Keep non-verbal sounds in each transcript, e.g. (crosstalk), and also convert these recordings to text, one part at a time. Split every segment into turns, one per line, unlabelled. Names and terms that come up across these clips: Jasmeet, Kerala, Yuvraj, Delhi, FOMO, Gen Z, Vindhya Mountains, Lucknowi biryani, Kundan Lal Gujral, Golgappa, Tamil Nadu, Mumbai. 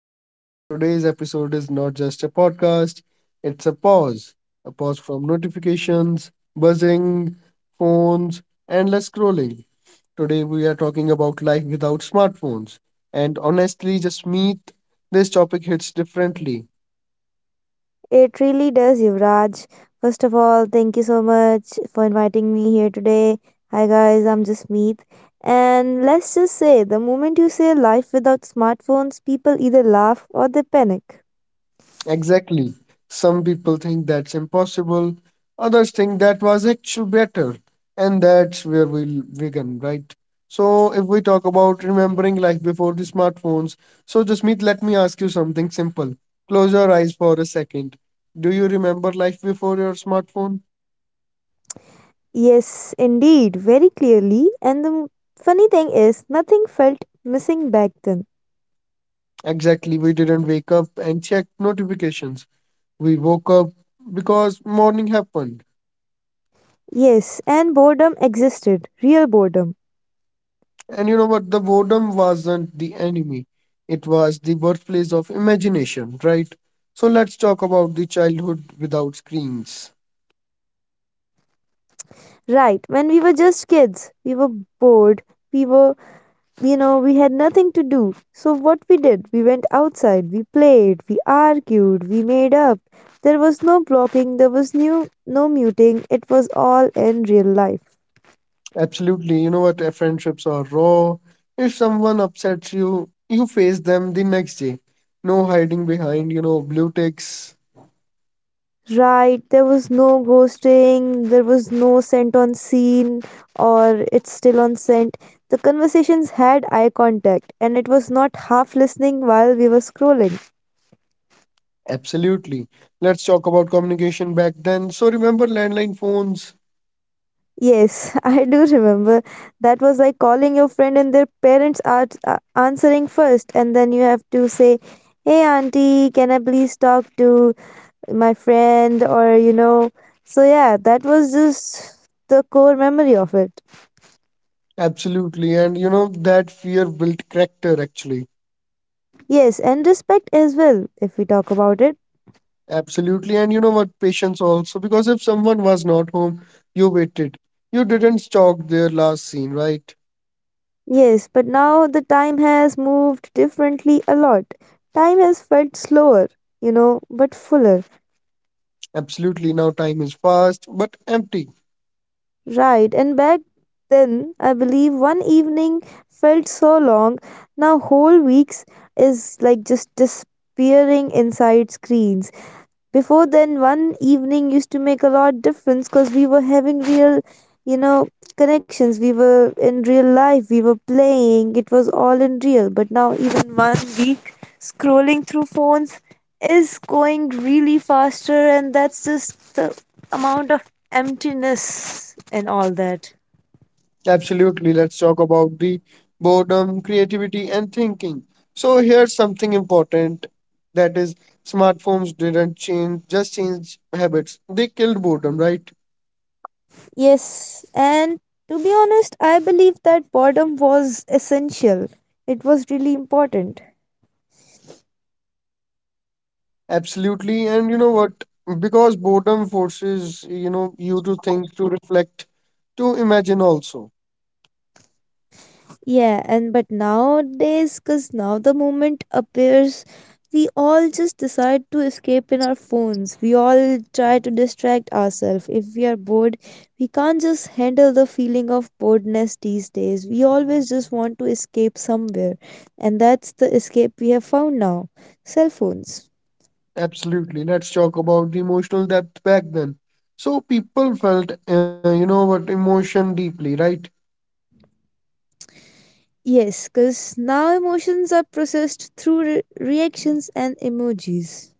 back everyone. Today's episode is not just a podcast, it's a pause. A pause from notifications, buzzing, phones, endless scrolling. Today, we are talking about life without smartphones. And honestly, just meet this topic hits differently.
It really does, Yuvraj. First of all, thank you so much for inviting me here today. Hi, guys, I'm Jasmeet. And let's just say the moment you say life without smartphones, people either laugh or they panic.
Exactly. Some people think that's impossible, others think that was actually better, and that's where we'll begin, right? So, if we talk about remembering life before the smartphones, so Jasmeet, let me ask you something simple. Close your eyes for a second. Do you remember life before your smartphone?
Yes, indeed, very clearly. And the funny thing is, nothing felt missing back then.
Exactly. We didn't wake up and check notifications. We woke up because morning happened.
Yes, and boredom existed, real boredom.
And you know what? The boredom wasn't the enemy, it was the birthplace of imagination, right? So let's talk about the childhood without screens.
Right, when we were just kids, we were bored, we were you know, we had nothing to do. So what we did, we went outside, we played, we argued, we made up. There was no blocking, there was new no muting. It was all in real life.
Absolutely. You know what? Friendships are raw. If someone upsets you, you face them the next day. No hiding behind, blue ticks.
Right, there was no ghosting, there was no scent on scene or it's still on scent. The conversations had eye contact and it was not half listening while we were scrolling.
Absolutely. Let's talk about communication back then. So remember landline phones?
Yes, (laughs) I do remember. That was like calling your friend and their parents are answering first, and then you have to say, "Hey, auntie, can I please talk to my friend?" So yeah, that was just the core memory of it.
Absolutely. That fear built character actually.
Yes, and respect as well, if we talk about it.
Absolutely. And you know what? Patience also. Because if someone was not home, you waited. You didn't stalk their last scene, right?
Yes, but now the time has moved differently a lot. Time has felt slower, but fuller.
Absolutely. Now time is fast but empty.
Right, and back then, I believe one evening felt so long. Now, whole weeks is like just disappearing inside screens. Before then, one evening used to make a lot difference because we were having real, you know, connections. We were in real life. We were playing. It was all in real. But now, even one week scrolling through phones is going really faster, and that's just the amount of emptiness and all that.
Absolutely. Let's talk about the boredom, creativity, and thinking. So here's something important that is smartphones didn't change, just change habits. They killed boredom, right?
Yes, and to be honest, I believe that boredom was essential. It was really important.
Absolutely. And you know what? Because boredom forces, you to think, to reflect, to imagine also.
Yeah, and but nowadays, because now the moment appears, we all just decide to escape in our phones. We all try to distract ourselves. If we are bored, we can't just handle the feeling of boredness these days. We always just want to escape somewhere, and that's the escape we have found now cell phones.
Absolutely. Let's talk about the emotional depth back then. So people felt, what emotion deeply, right?
Yes, because now emotions are processed through reactions and emojis.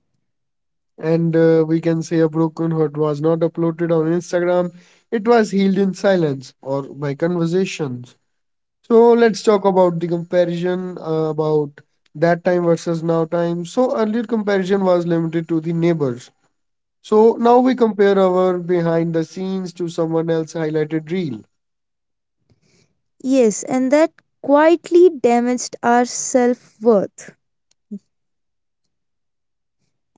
And we can say a broken heart was not uploaded on Instagram. It was healed in silence or by conversations. So let's talk about the comparison about that time versus now time. So earlier comparison was limited to the neighbors. So now we compare our behind the scenes to someone else highlighted reel.
Yes, and that quietly damaged our self-worth.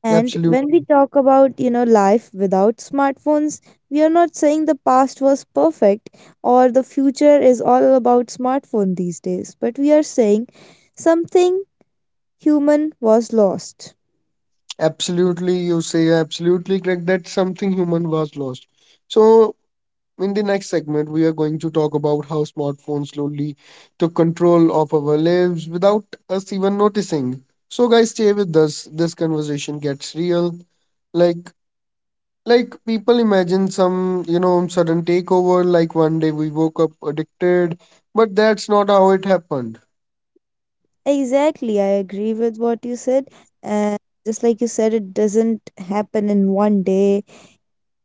And when we
Absolutely.
talk about, life without smartphones, we are not saying the past was perfect or the future is all about smartphone these days, but we are saying something human was lost.
Absolutely, you say absolutely correct. That something human was lost. So, in the next segment, we are going to talk about how smartphones slowly took control of our lives without us even noticing. So, guys, stay with us. This conversation gets real. Like, like people imagine some, sudden takeover. Like one day we woke up addicted, but that's not how it happened.
Exactly, I agree with what you said. And just like you said, it doesn't happen in one day.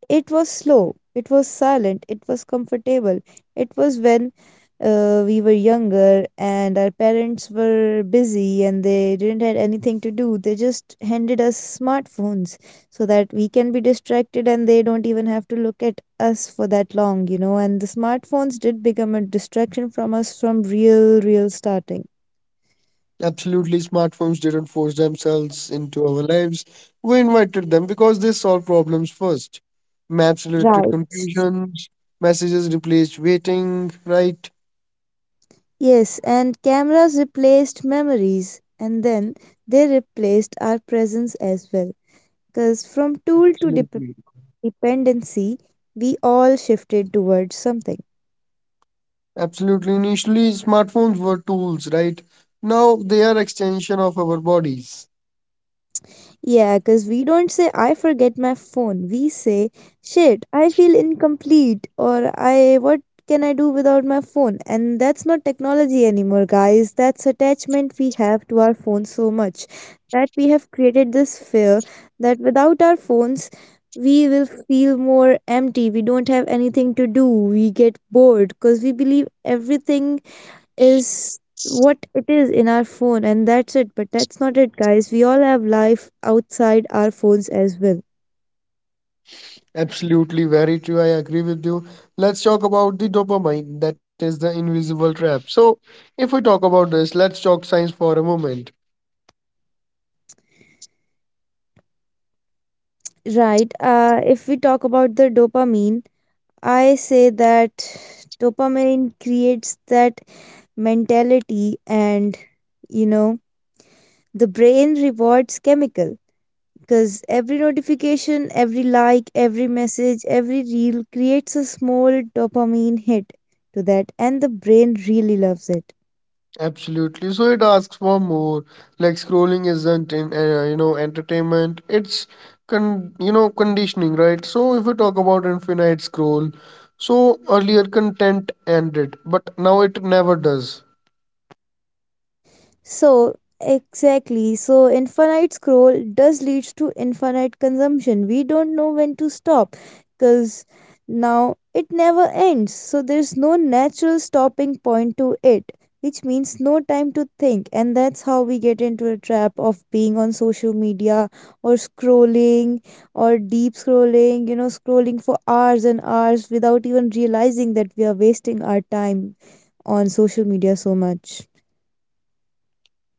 It was slow, it was silent, it was comfortable. It was when we were younger and our parents were busy and they didn't had anything to do. They just handed us smartphones so that we can be distracted and they don't even have to look at us for that long, And the smartphones did become a distraction from us from real, real starting.
Absolutely, smartphones didn't force themselves into our lives. We invited them because they solved problems first. Maps related
Right.
confusions, messages replaced waiting, right?
Yes, and cameras replaced memories, and then they replaced our presence as well. Because from tool to
Absolutely.
dependency, we all shifted towards something.
Absolutely. Initially, smartphones were tools, right? Now they are extension of our bodies.
Yeah, because we don't say, I forget my phone. We say, shit, I feel incomplete, or I, what can I do without my phone? And that's not technology anymore, guys. That's attachment we have to our phone so much that we have created this fear that without our phones, we will feel more empty. We don't have anything to do. We get bored because we believe everything is what it is in our phone and that's it, but that's not it, guys. We all have life outside our phones as well.
Absolutely, very true. I agree with you. Let's talk about the dopamine, that is the invisible trap. So, if we talk about this, let's talk science for a moment.
Right, if we talk about the dopamine, I say that dopamine creates that mentality and you know the brain rewards chemical, because every notification, every like, every message, every reel creates a small dopamine hit to that, and the brain really loves it.
Absolutely. So it asks for more. Like scrolling isn't in, entertainment. It's conditioning, right? So if we talk about infinite scroll, so earlier content ended, but now it never does.
So, exactly. So, infinite scroll does leads to infinite consumption. We don't know when to stop because now it never ends. So, there's no natural stopping point to it, which means no time to think. And that's how we get into a trap of being on social media or scrolling or deep scrolling, you know, scrolling for hours and hours without even realizing that we are wasting our time on social media so much.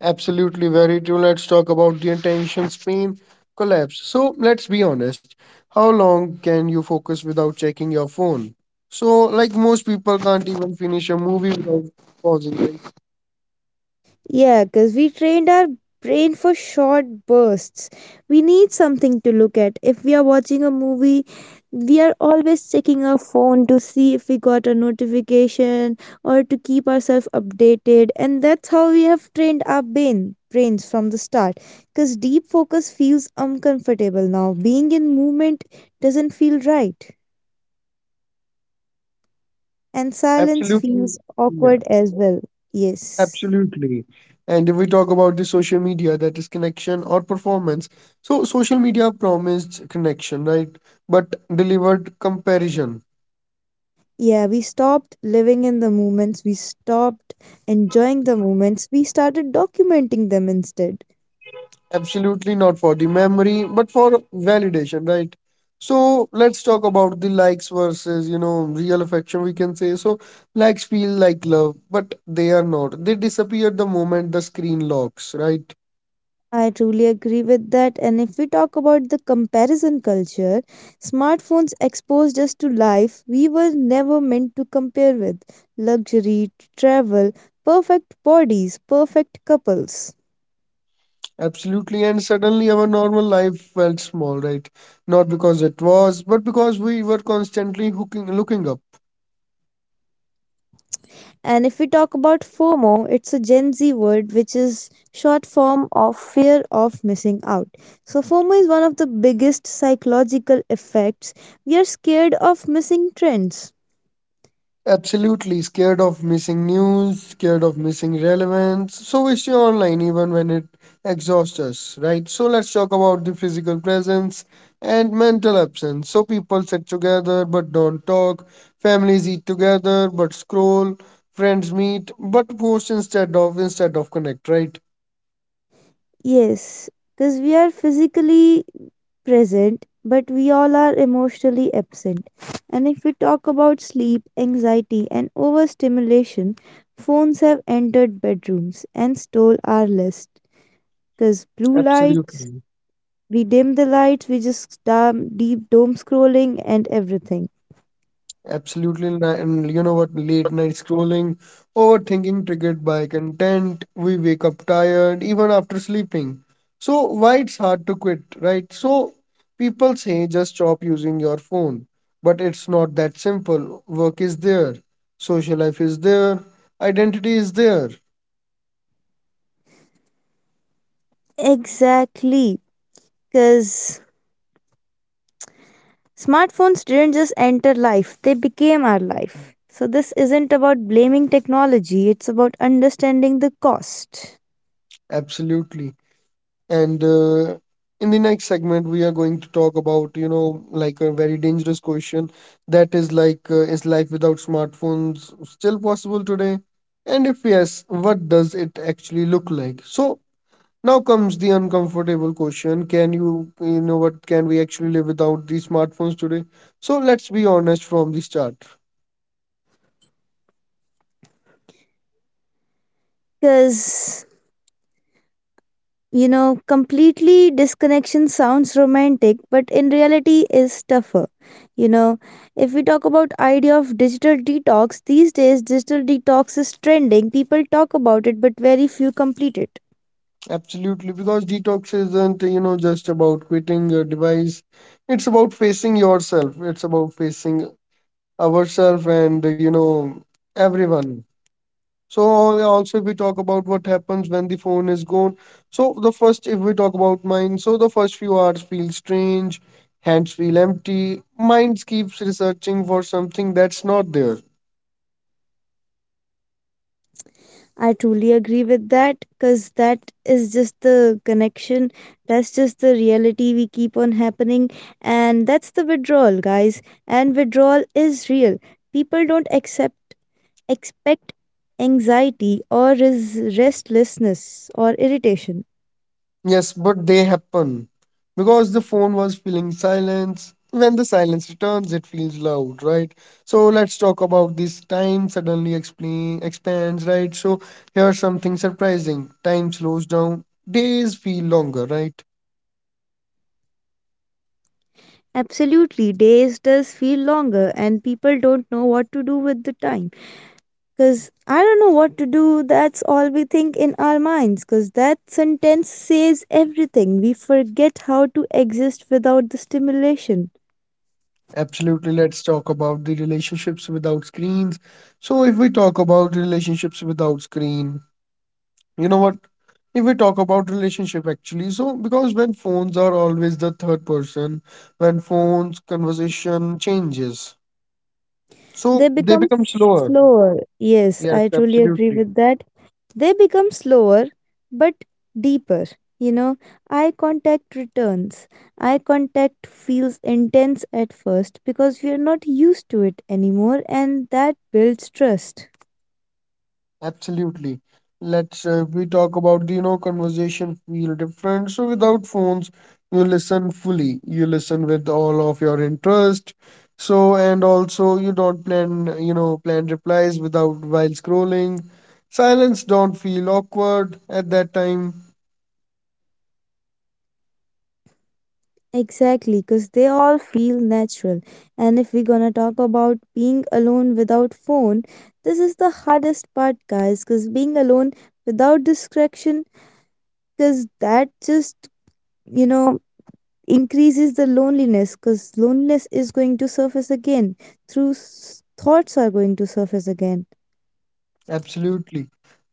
Absolutely very true. Let's talk about the attention span collapse. So let's be honest. How long can you focus without checking your phone? So like most people can't even finish a movie without pausing. It.
Yeah, because we trained our brain for short bursts. We need something to look at. If we are watching a movie, we are always checking our phone to see if we got a notification or to keep ourselves updated. And that's how we have trained our brains from the start, because deep focus feels uncomfortable now, being in movement doesn't feel right, and silence
Absolutely.
feels
Yeah.
awkward as well. Yes.
Absolutely. And if we talk about the social media, that is connection or performance. So social media promised connection, right? But delivered comparison.
Yeah, we stopped living in the moments, we stopped enjoying the moments, we started documenting them instead.
Absolutely not for the memory, but for validation, right? So let's talk about the likes versus, real affection, we can say. So likes feel like love, but they are not. They disappear the moment the screen locks, right?
I truly agree with that. And if we talk about the comparison culture, smartphones exposed us to life we were never meant to compare with: luxury, travel, perfect bodies, perfect couples.
Absolutely, and suddenly our normal life felt small, right? Not because it was, but because we were constantly hooking, looking up.
And if we talk about FOMO, it's a Gen Z word which is short form of fear of missing out. So FOMO is one of the biggest psychological effects. We are scared of missing trends.
Absolutely, scared of missing news, scared of missing relevance. So we stay online even when it exhausts us, right? So let's talk about the physical presence and mental absence. So people sit together but don't talk, families eat together but scroll, friends meet but post instead of connect, right?
Yes, because we are physically present, but we all are emotionally absent. And if we talk about sleep, anxiety, and overstimulation, phones have entered bedrooms and stole our list. Because blue lights,
Absolutely.
we dim the lights, we just dumb, deep doom scrolling and everything.
Absolutely, and you know what? Late night scrolling, overthinking, triggered by content. We wake up tired even after sleeping. So, why it's hard to quit, right? So, people say just stop using your phone, but it's not that simple. Work is there, social life is there, identity is there.
Exactly, because smartphones didn't just enter life, they became our life. So, this isn't about blaming technology, it's about understanding the cost.
Absolutely. And in the next segment, we are going to talk about, like a very dangerous question that is like, is life without smartphones still possible today? And if yes, what does it actually look like? So now comes the uncomfortable question. Can you, what can we actually live without these smartphones today? So let's be honest from the start.
Because, completely disconnection sounds romantic, but in reality is tougher. You know, if we talk about idea of digital detox, these days digital detox is trending. People talk about it, but very few complete it.
Absolutely, because detox isn't, just about quitting your device. It's about facing yourself. It's about facing ourselves and you know everyone so also if we talk about what happens when the phone is gone, so the first if we talk about mine, so the first few hours feel strange, hands feel empty, minds keeps researching for something that's not there.
I truly agree with that, because that is just the connection. That's just the reality we keep on happening. And that's the withdrawal, guys. And withdrawal is real. People don't accept expect anxiety or restlessness or irritation.
Yes, but they happen because the phone was feeling silence. When the silence returns, it feels loud, right? So let's talk about this time suddenly explain, expands, right? So here's something surprising. Time slows down, days feel longer, right?
Absolutely, days does feel longer, and people don't know what to do with the time. Because I don't know what to do, that's all we think in our minds. Because that sentence says everything. We forget how to exist without the stimulation.
Absolutely. Let's talk about the relationships without screens. So if we talk about relationships without screen, you know what? If we talk about relationship actually, so because when phones are always the third person, when phones conversation changes, so
They
they
become
become slower.
slower. Yes,
Yes,
I truly agree
absolutely.
with that. They become slower but deeper. You know, eye contact returns. Eye contact feels intense at first because we are not used to it anymore, and that builds trust.
Absolutely. Let's we talk about the you know conversation feel different. So without phones, you listen fully. You listen with all of your interest. So and also you don't plan you know plan replies without while scrolling. Silence don't feel awkward at that time.
Exactly, because they all feel natural. And if we're gonna talk about being alone without phone, this is the hardest part, guys, because being alone without distraction, because that just, you know, increases the loneliness, because loneliness is going to surface again, thoughts are going to surface again.
Absolutely.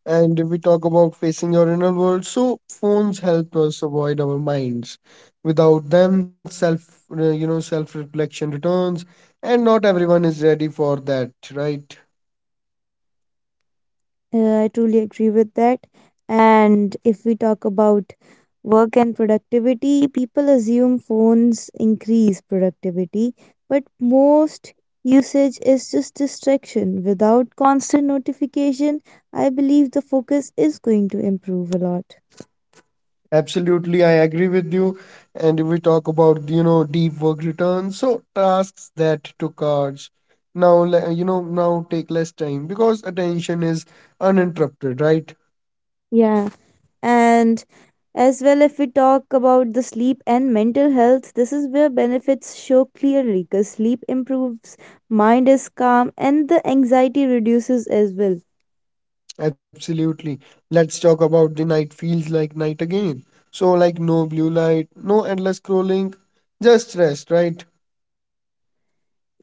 And if we talk about facing your inner world, so phones help us avoid our minds. Without them, self, self-reflection returns, and not everyone is ready for that, right?
I truly agree with that. And if we talk about work and productivity, people assume phones increase productivity, but most usage is just distraction. Without constant notification, I believe the focus is going to improve a lot.
Absolutely, I agree with you. And if we talk about, deep work returns, so tasks that took hours now, now take less time because attention is uninterrupted, right?
Yeah. And as well, if we talk about the sleep and mental health, this is where benefits show clearly, because sleep improves, mind is calm, and the anxiety reduces as well.
Absolutely. Let's talk about the night feels like night again. So, like, no blue light, no endless scrolling, just rest, right?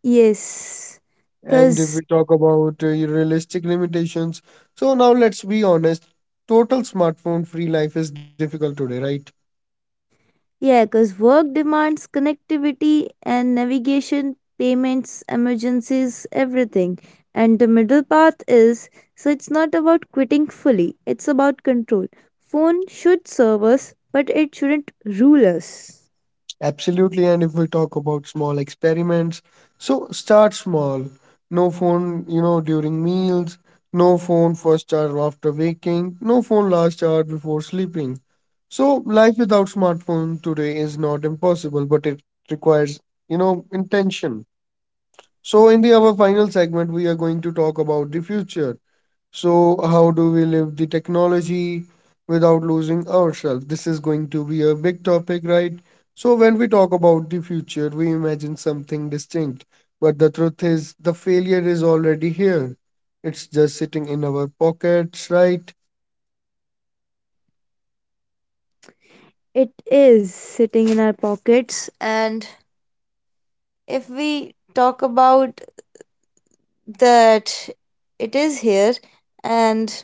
Yes,
And if
because
we talk about realistic limitations, so now let's be honest, total smartphone free life is difficult today, right?
yeah, because work demands connectivity and navigation, payments, emergencies, everything. And the middle path is, so it's not about quitting fully, it's about control. Phone should serve us, but it shouldn't rule us.
Absolutely. And if we talk about small experiments, so start small. No phone, during meals, no phone first hour after waking, no phone last hour before sleeping. So life without smartphone today is not impossible, but it requires, intention. So in the our final segment, we are going to talk about the future. So, how do we live the technology without losing ourselves? This is going to be a big topic, right? So, when we talk about the future, we imagine something distinct. But the truth is, the failure is already here. It's just sitting in our pockets, right?
It is sitting in our pockets, and if we talk about that, it is here, and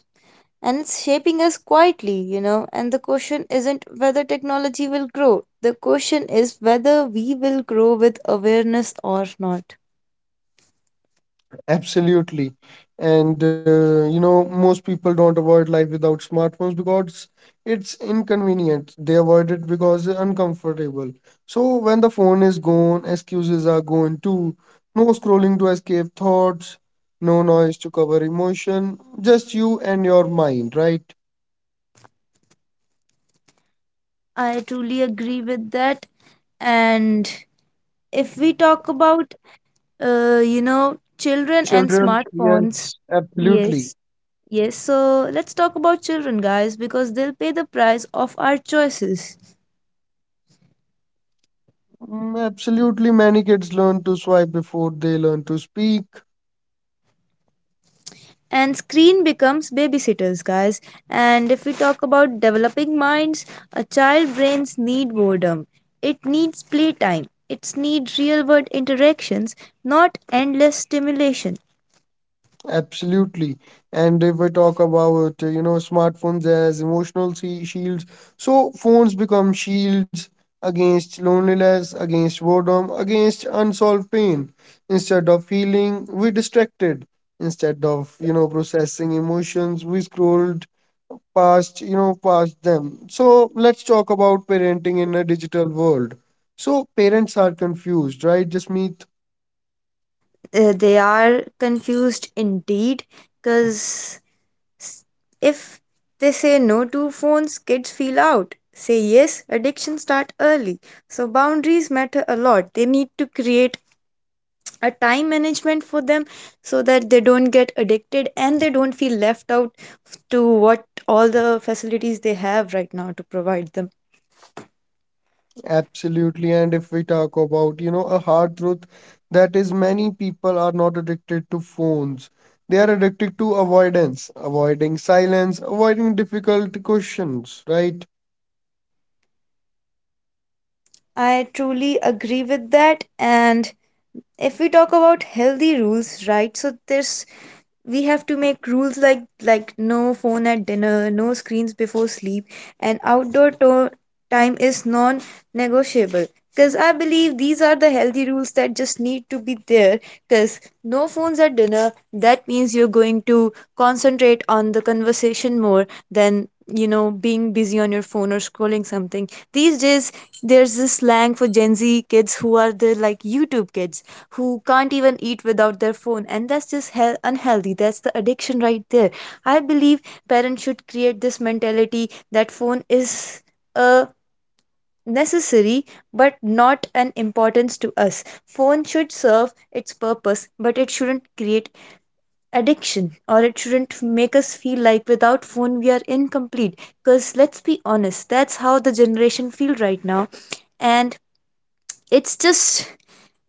and it's shaping us quietly, And the question isn't whether technology will grow. The question is whether we will grow with awareness or not.
Absolutely. And you know, most people don't avoid life without smartphones because it's inconvenient. They avoid it because it's uncomfortable. So when the phone is gone, excuses are gone too. No scrolling to escape thoughts, no noise to cover emotion, just you and your mind, right?
I truly agree with that. And if we talk about, children and
Children,
smartphones,
yes, absolutely.
yes. Yes, so let's talk about children, guys, because they'll pay the price of our choices.
Mm, absolutely, many kids learn to swipe before they learn to speak.
And screen becomes babysitters, guys. And if we talk about developing minds, a child brains need boredom. It needs playtime. It needs real world interactions, not endless stimulation.
Absolutely. And if I talk about, smartphones as emotional shields, so phones become shields against loneliness, against boredom, against unsolved pain. Instead of feeling, we distracted. Instead of, processing emotions, we scrolled past, past them. So let's talk about parenting in a digital world. So parents are confused, right, Jasmeet?
They are confused indeed, because S- If they say no to phones, kids feel out. Say yes, addiction start early. So boundaries matter a lot. They need to create a time management for them so that they don't get addicted and they don't feel left out to what all the facilities they have right now to provide them.
Absolutely. And if we talk about, a hard truth that is many people are not addicted to phones. They are addicted to avoidance, avoiding silence, avoiding difficult questions, right?
I truly agree with that. And if we talk about healthy rules, right? So there's, we have to make rules like no phone at dinner, no screens before sleep, and time is non-negotiable. Because I believe these are the healthy rules that just need to be there. Because no phones at dinner, that means you're going to concentrate on the conversation more than being busy on your phone or scrolling something. These days, there's this slang for Gen Z kids who are the like YouTube kids who can't even eat without their phone, and that's just hell unhealthy. That's the addiction right there. I believe parents should create this mentality that phone is a necessary but not an importance to us. Phone should serve its purpose, but it shouldn't create addiction, or it shouldn't make us feel like without phone we are incomplete, because let's be honest, that's how the generation feel right now, and it's just,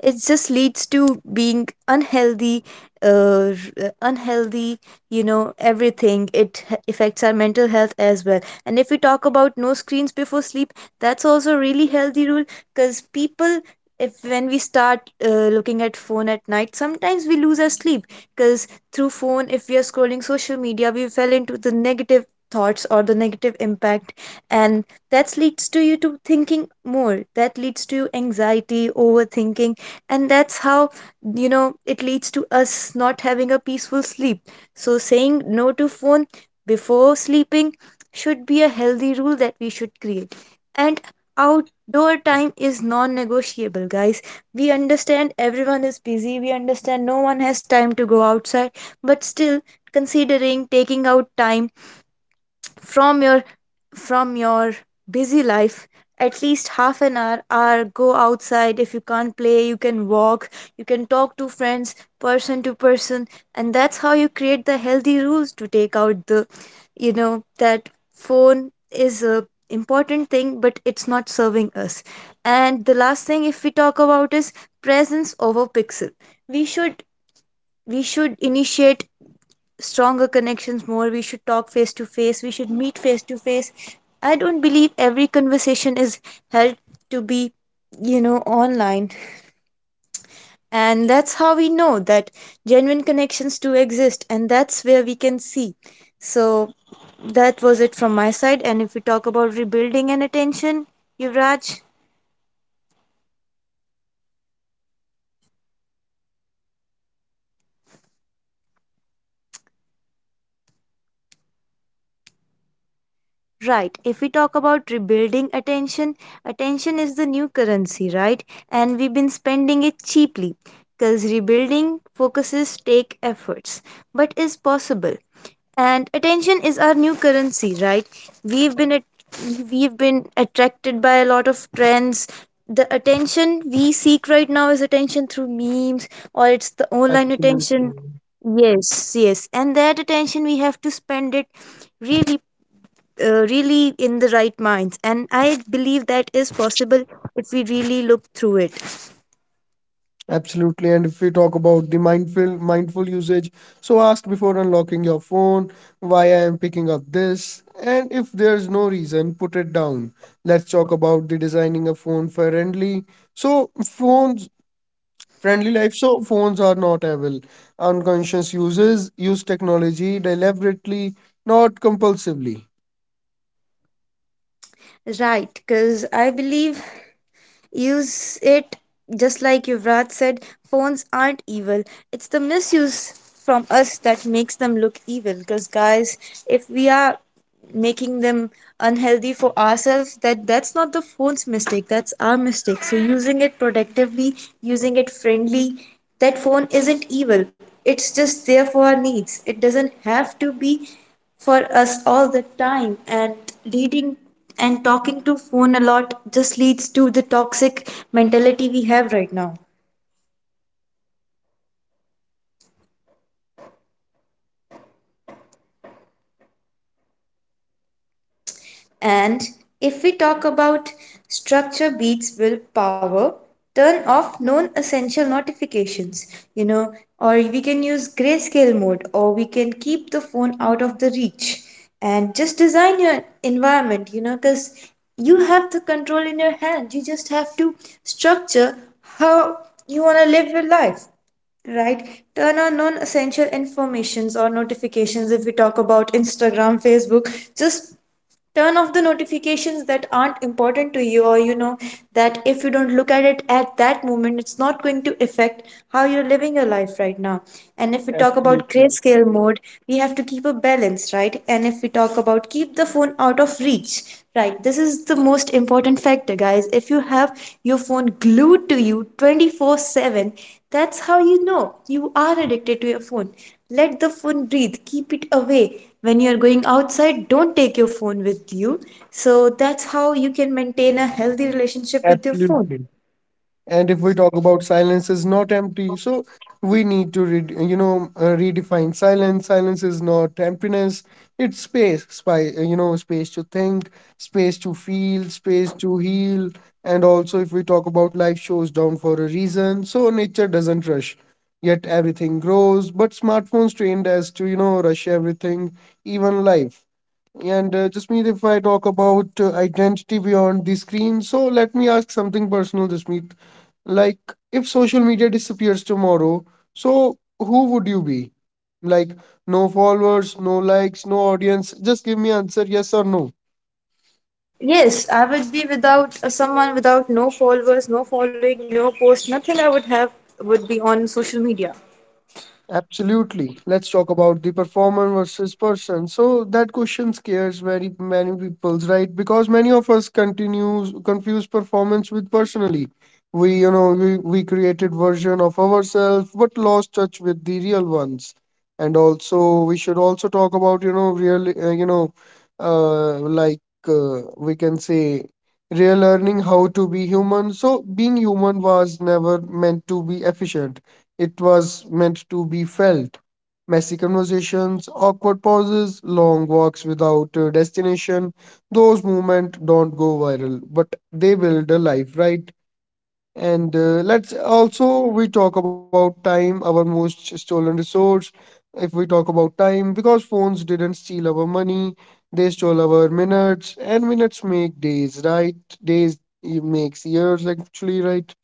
it just leads to being unhealthy, uh, unhealthy, everything, it affects our mental health as well. And if we talk about no screens before sleep, that's also a really healthy rule, because people, if when we start looking at phone at night, sometimes we lose our sleep, because through phone, if we are scrolling social media, we fell into the negative thoughts or the negative impact, and that leads to you to thinking more, that leads to anxiety, overthinking. And that's how, you know, it leads to us not having a peaceful sleep. So saying no to phone before sleeping should be a healthy rule that we should create. And outdoor time is non-negotiable, guys. We understand everyone is busy, we understand no one has time to go outside, but still, considering taking out time from your from your busy life, at least half an hour, hour, go outside. If you can't play, you can walk, you can talk to friends, person to person. And that's how you create the healthy rules to take out the, you know, that phone is a important thing but it's not serving us. And the last thing if we talk about is presence over pixel. We should we should initiate stronger connections more. We should talk face to face, we should meet face to face. I don't believe every conversation is held to be, you know, online. And that's how we know that genuine connections do exist, and that's where we can see. So that was it from my side. And if we talk about rebuilding and attention, Yuvraj. Right. If we talk about rebuilding attention, attention is the new currency, right? And we've been spending it cheaply, because rebuilding focuses take efforts, but is possible. And attention is our new currency, right? We've been at, we've been attracted by a lot of trends. The attention we seek right now is attention through memes, or it's the online attention.
Absolutely.
Yes, yes. And that attention we have to spend it really, really in the right minds, and I believe that is possible if we really look through it.
Absolutely. And if we talk about the mindful usage, so ask before unlocking your phone why I am picking up this. And if there's no reason, put it down. Let's talk about the designing a phone friendly. So phones friendly life. So phones are not evil. Unconscious users use technology deliberately, not compulsively.
Right, because I believe, use it, just like Yuvraj said, phones aren't evil. It's the misuse from us that makes them look evil. Because guys, if we are making them unhealthy for ourselves, that's not the phone's mistake, that's our mistake. So using it productively, using it friendly, that phone isn't evil. It's just there for our needs, it doesn't have to be for us all the time. And reading and talking to phone a lot just leads to the toxic mentality we have right now. And if we talk about structure beats will power. Turn off non essential notifications, you know, or we can use grayscale mode, or we can keep the phone out of the reach, and just design your environment, you know, because you have the control in your hand. You just have to structure how you want to live your life, right? Turn on non-essential informations or notifications, if we talk about Instagram, Facebook, just turn off the notifications that aren't important to you, or you know, that if you don't look at it at that moment, it's not going to affect how you're living your life right now. And if we talk about
Absolutely.
grayscale mode, we have to keep a balance, right? And if we talk about keep the phone out of reach, right, this is the most important factor, guys. If you have your phone glued to you 24/7, that's how you know you are addicted to your phone. Let the phone breathe, keep it away. When you're going outside, don't take your phone with you. So that's how you can maintain a healthy relationship with your phone.
Absolutely. And if we talk about silence is not empty, so we need to re you know redefine silence. Silence is not emptiness, it's space, space to think, space to feel, space to heal. And also if we talk about life shows down for a reason, so nature doesn't rush yet everything grows, but smartphones trained us to rush everything, even life. And Jasmeet, if I talk about identity beyond the screen, so let me ask something personal, Jasmeet. Like, if social media disappears tomorrow, so who would you be? Like, no followers, no likes, no audience. Just give me answer yes or no.
Yes, I would be without someone without no followers, no following, no post, nothing I would have would be on social media.
Absolutely. Let's talk about the performer versus person. So that question scares very many people's right? Because many of us continues confuse performance with personally. We, you know, we created version of ourselves, but lost touch with the real ones. And also, we should also talk about, you know, real, you know, like we can say, real learning how to be human. So being human was never meant to be efficient, it was meant to be felt. Messy conversations, awkward pauses, long walks without a destination, those moments don't go viral, but they build a life, right? And let's also we talk about time, our most stolen resource. If we talk about time, because phones didn't steal our money, they stole our minutes, and minutes make days, right? Days makes years, actually, right?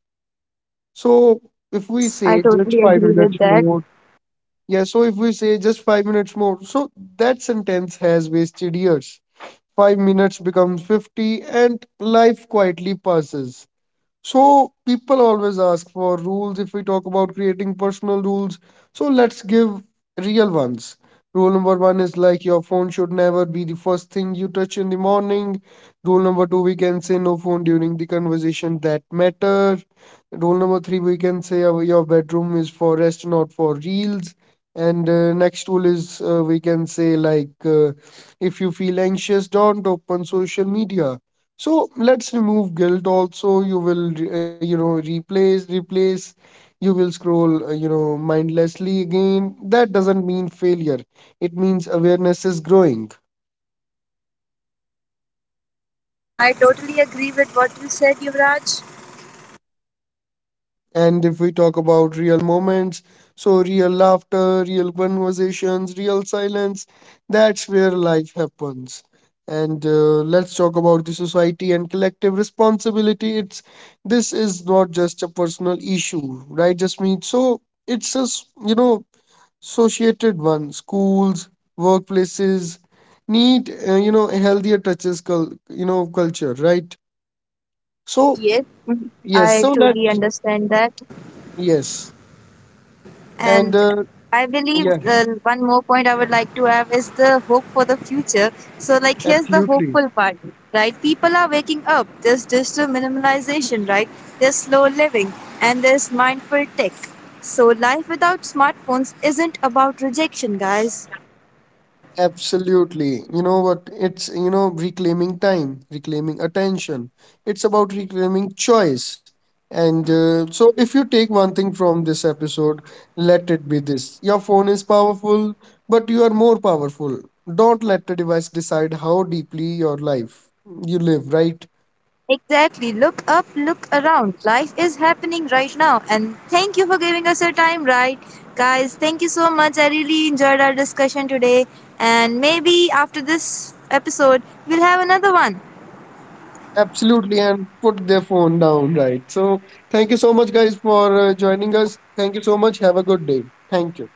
So if we
Yes, I
say just
totally
five
agree with
minutes
that.
more, yeah, so if we say just 5 minutes more, so that sentence has wasted years. 5 minutes becomes 50, and life quietly passes. So people always ask for rules if we talk about creating personal rules. So let's give real ones. Rule number one is like your phone should never be the first thing you touch in the morning. Rule number two, we can say no phone during the conversation that matter. Rule number three, we can say your bedroom is for rest, not for reels. And next rule is we can say like if you feel anxious, don't open social media. So let's remove guilt also. You will replace, you will scroll mindlessly again. That doesn't mean failure, it means awareness is growing.
I totally agree with what you said, Yuvraj.
And if we talk about real moments, so real laughter, real conversations, real silence, that's where life happens. And let's talk about the society and collective responsibility. It's this is not just a personal issue, right, just me? So it's just you know associated one. Schools, workplaces need healthier touches culture, right? So
Yes,
mm, yes,
I
so that
truly understand that.
yes. And
And I believe
yeah,
one more point I would like to have is the hope for the future. So, like, here's the
absolutely.
hopeful part, right? People are waking up. There's digital minimalization, right? There's slow living, and there's mindful tech. So, life without smartphones isn't about rejection, guys.
Absolutely. You know what? It's, reclaiming time, reclaiming attention. It's about reclaiming choice. And so, if you take one thing from this episode, let it be this: your phone is powerful, but you are more powerful. Don't let the device decide how deeply your life you live, right?
Exactly. Look up, look around. Life is happening right now. And thank you for giving us your time, right? Guys, thank you so much. I really enjoyed our discussion today. And maybe after this episode, we'll have another one.
Absolutely. And put their phone down, right? So, thank you so much, guys, for joining us. Thank you so much. Have a good day. Thank you.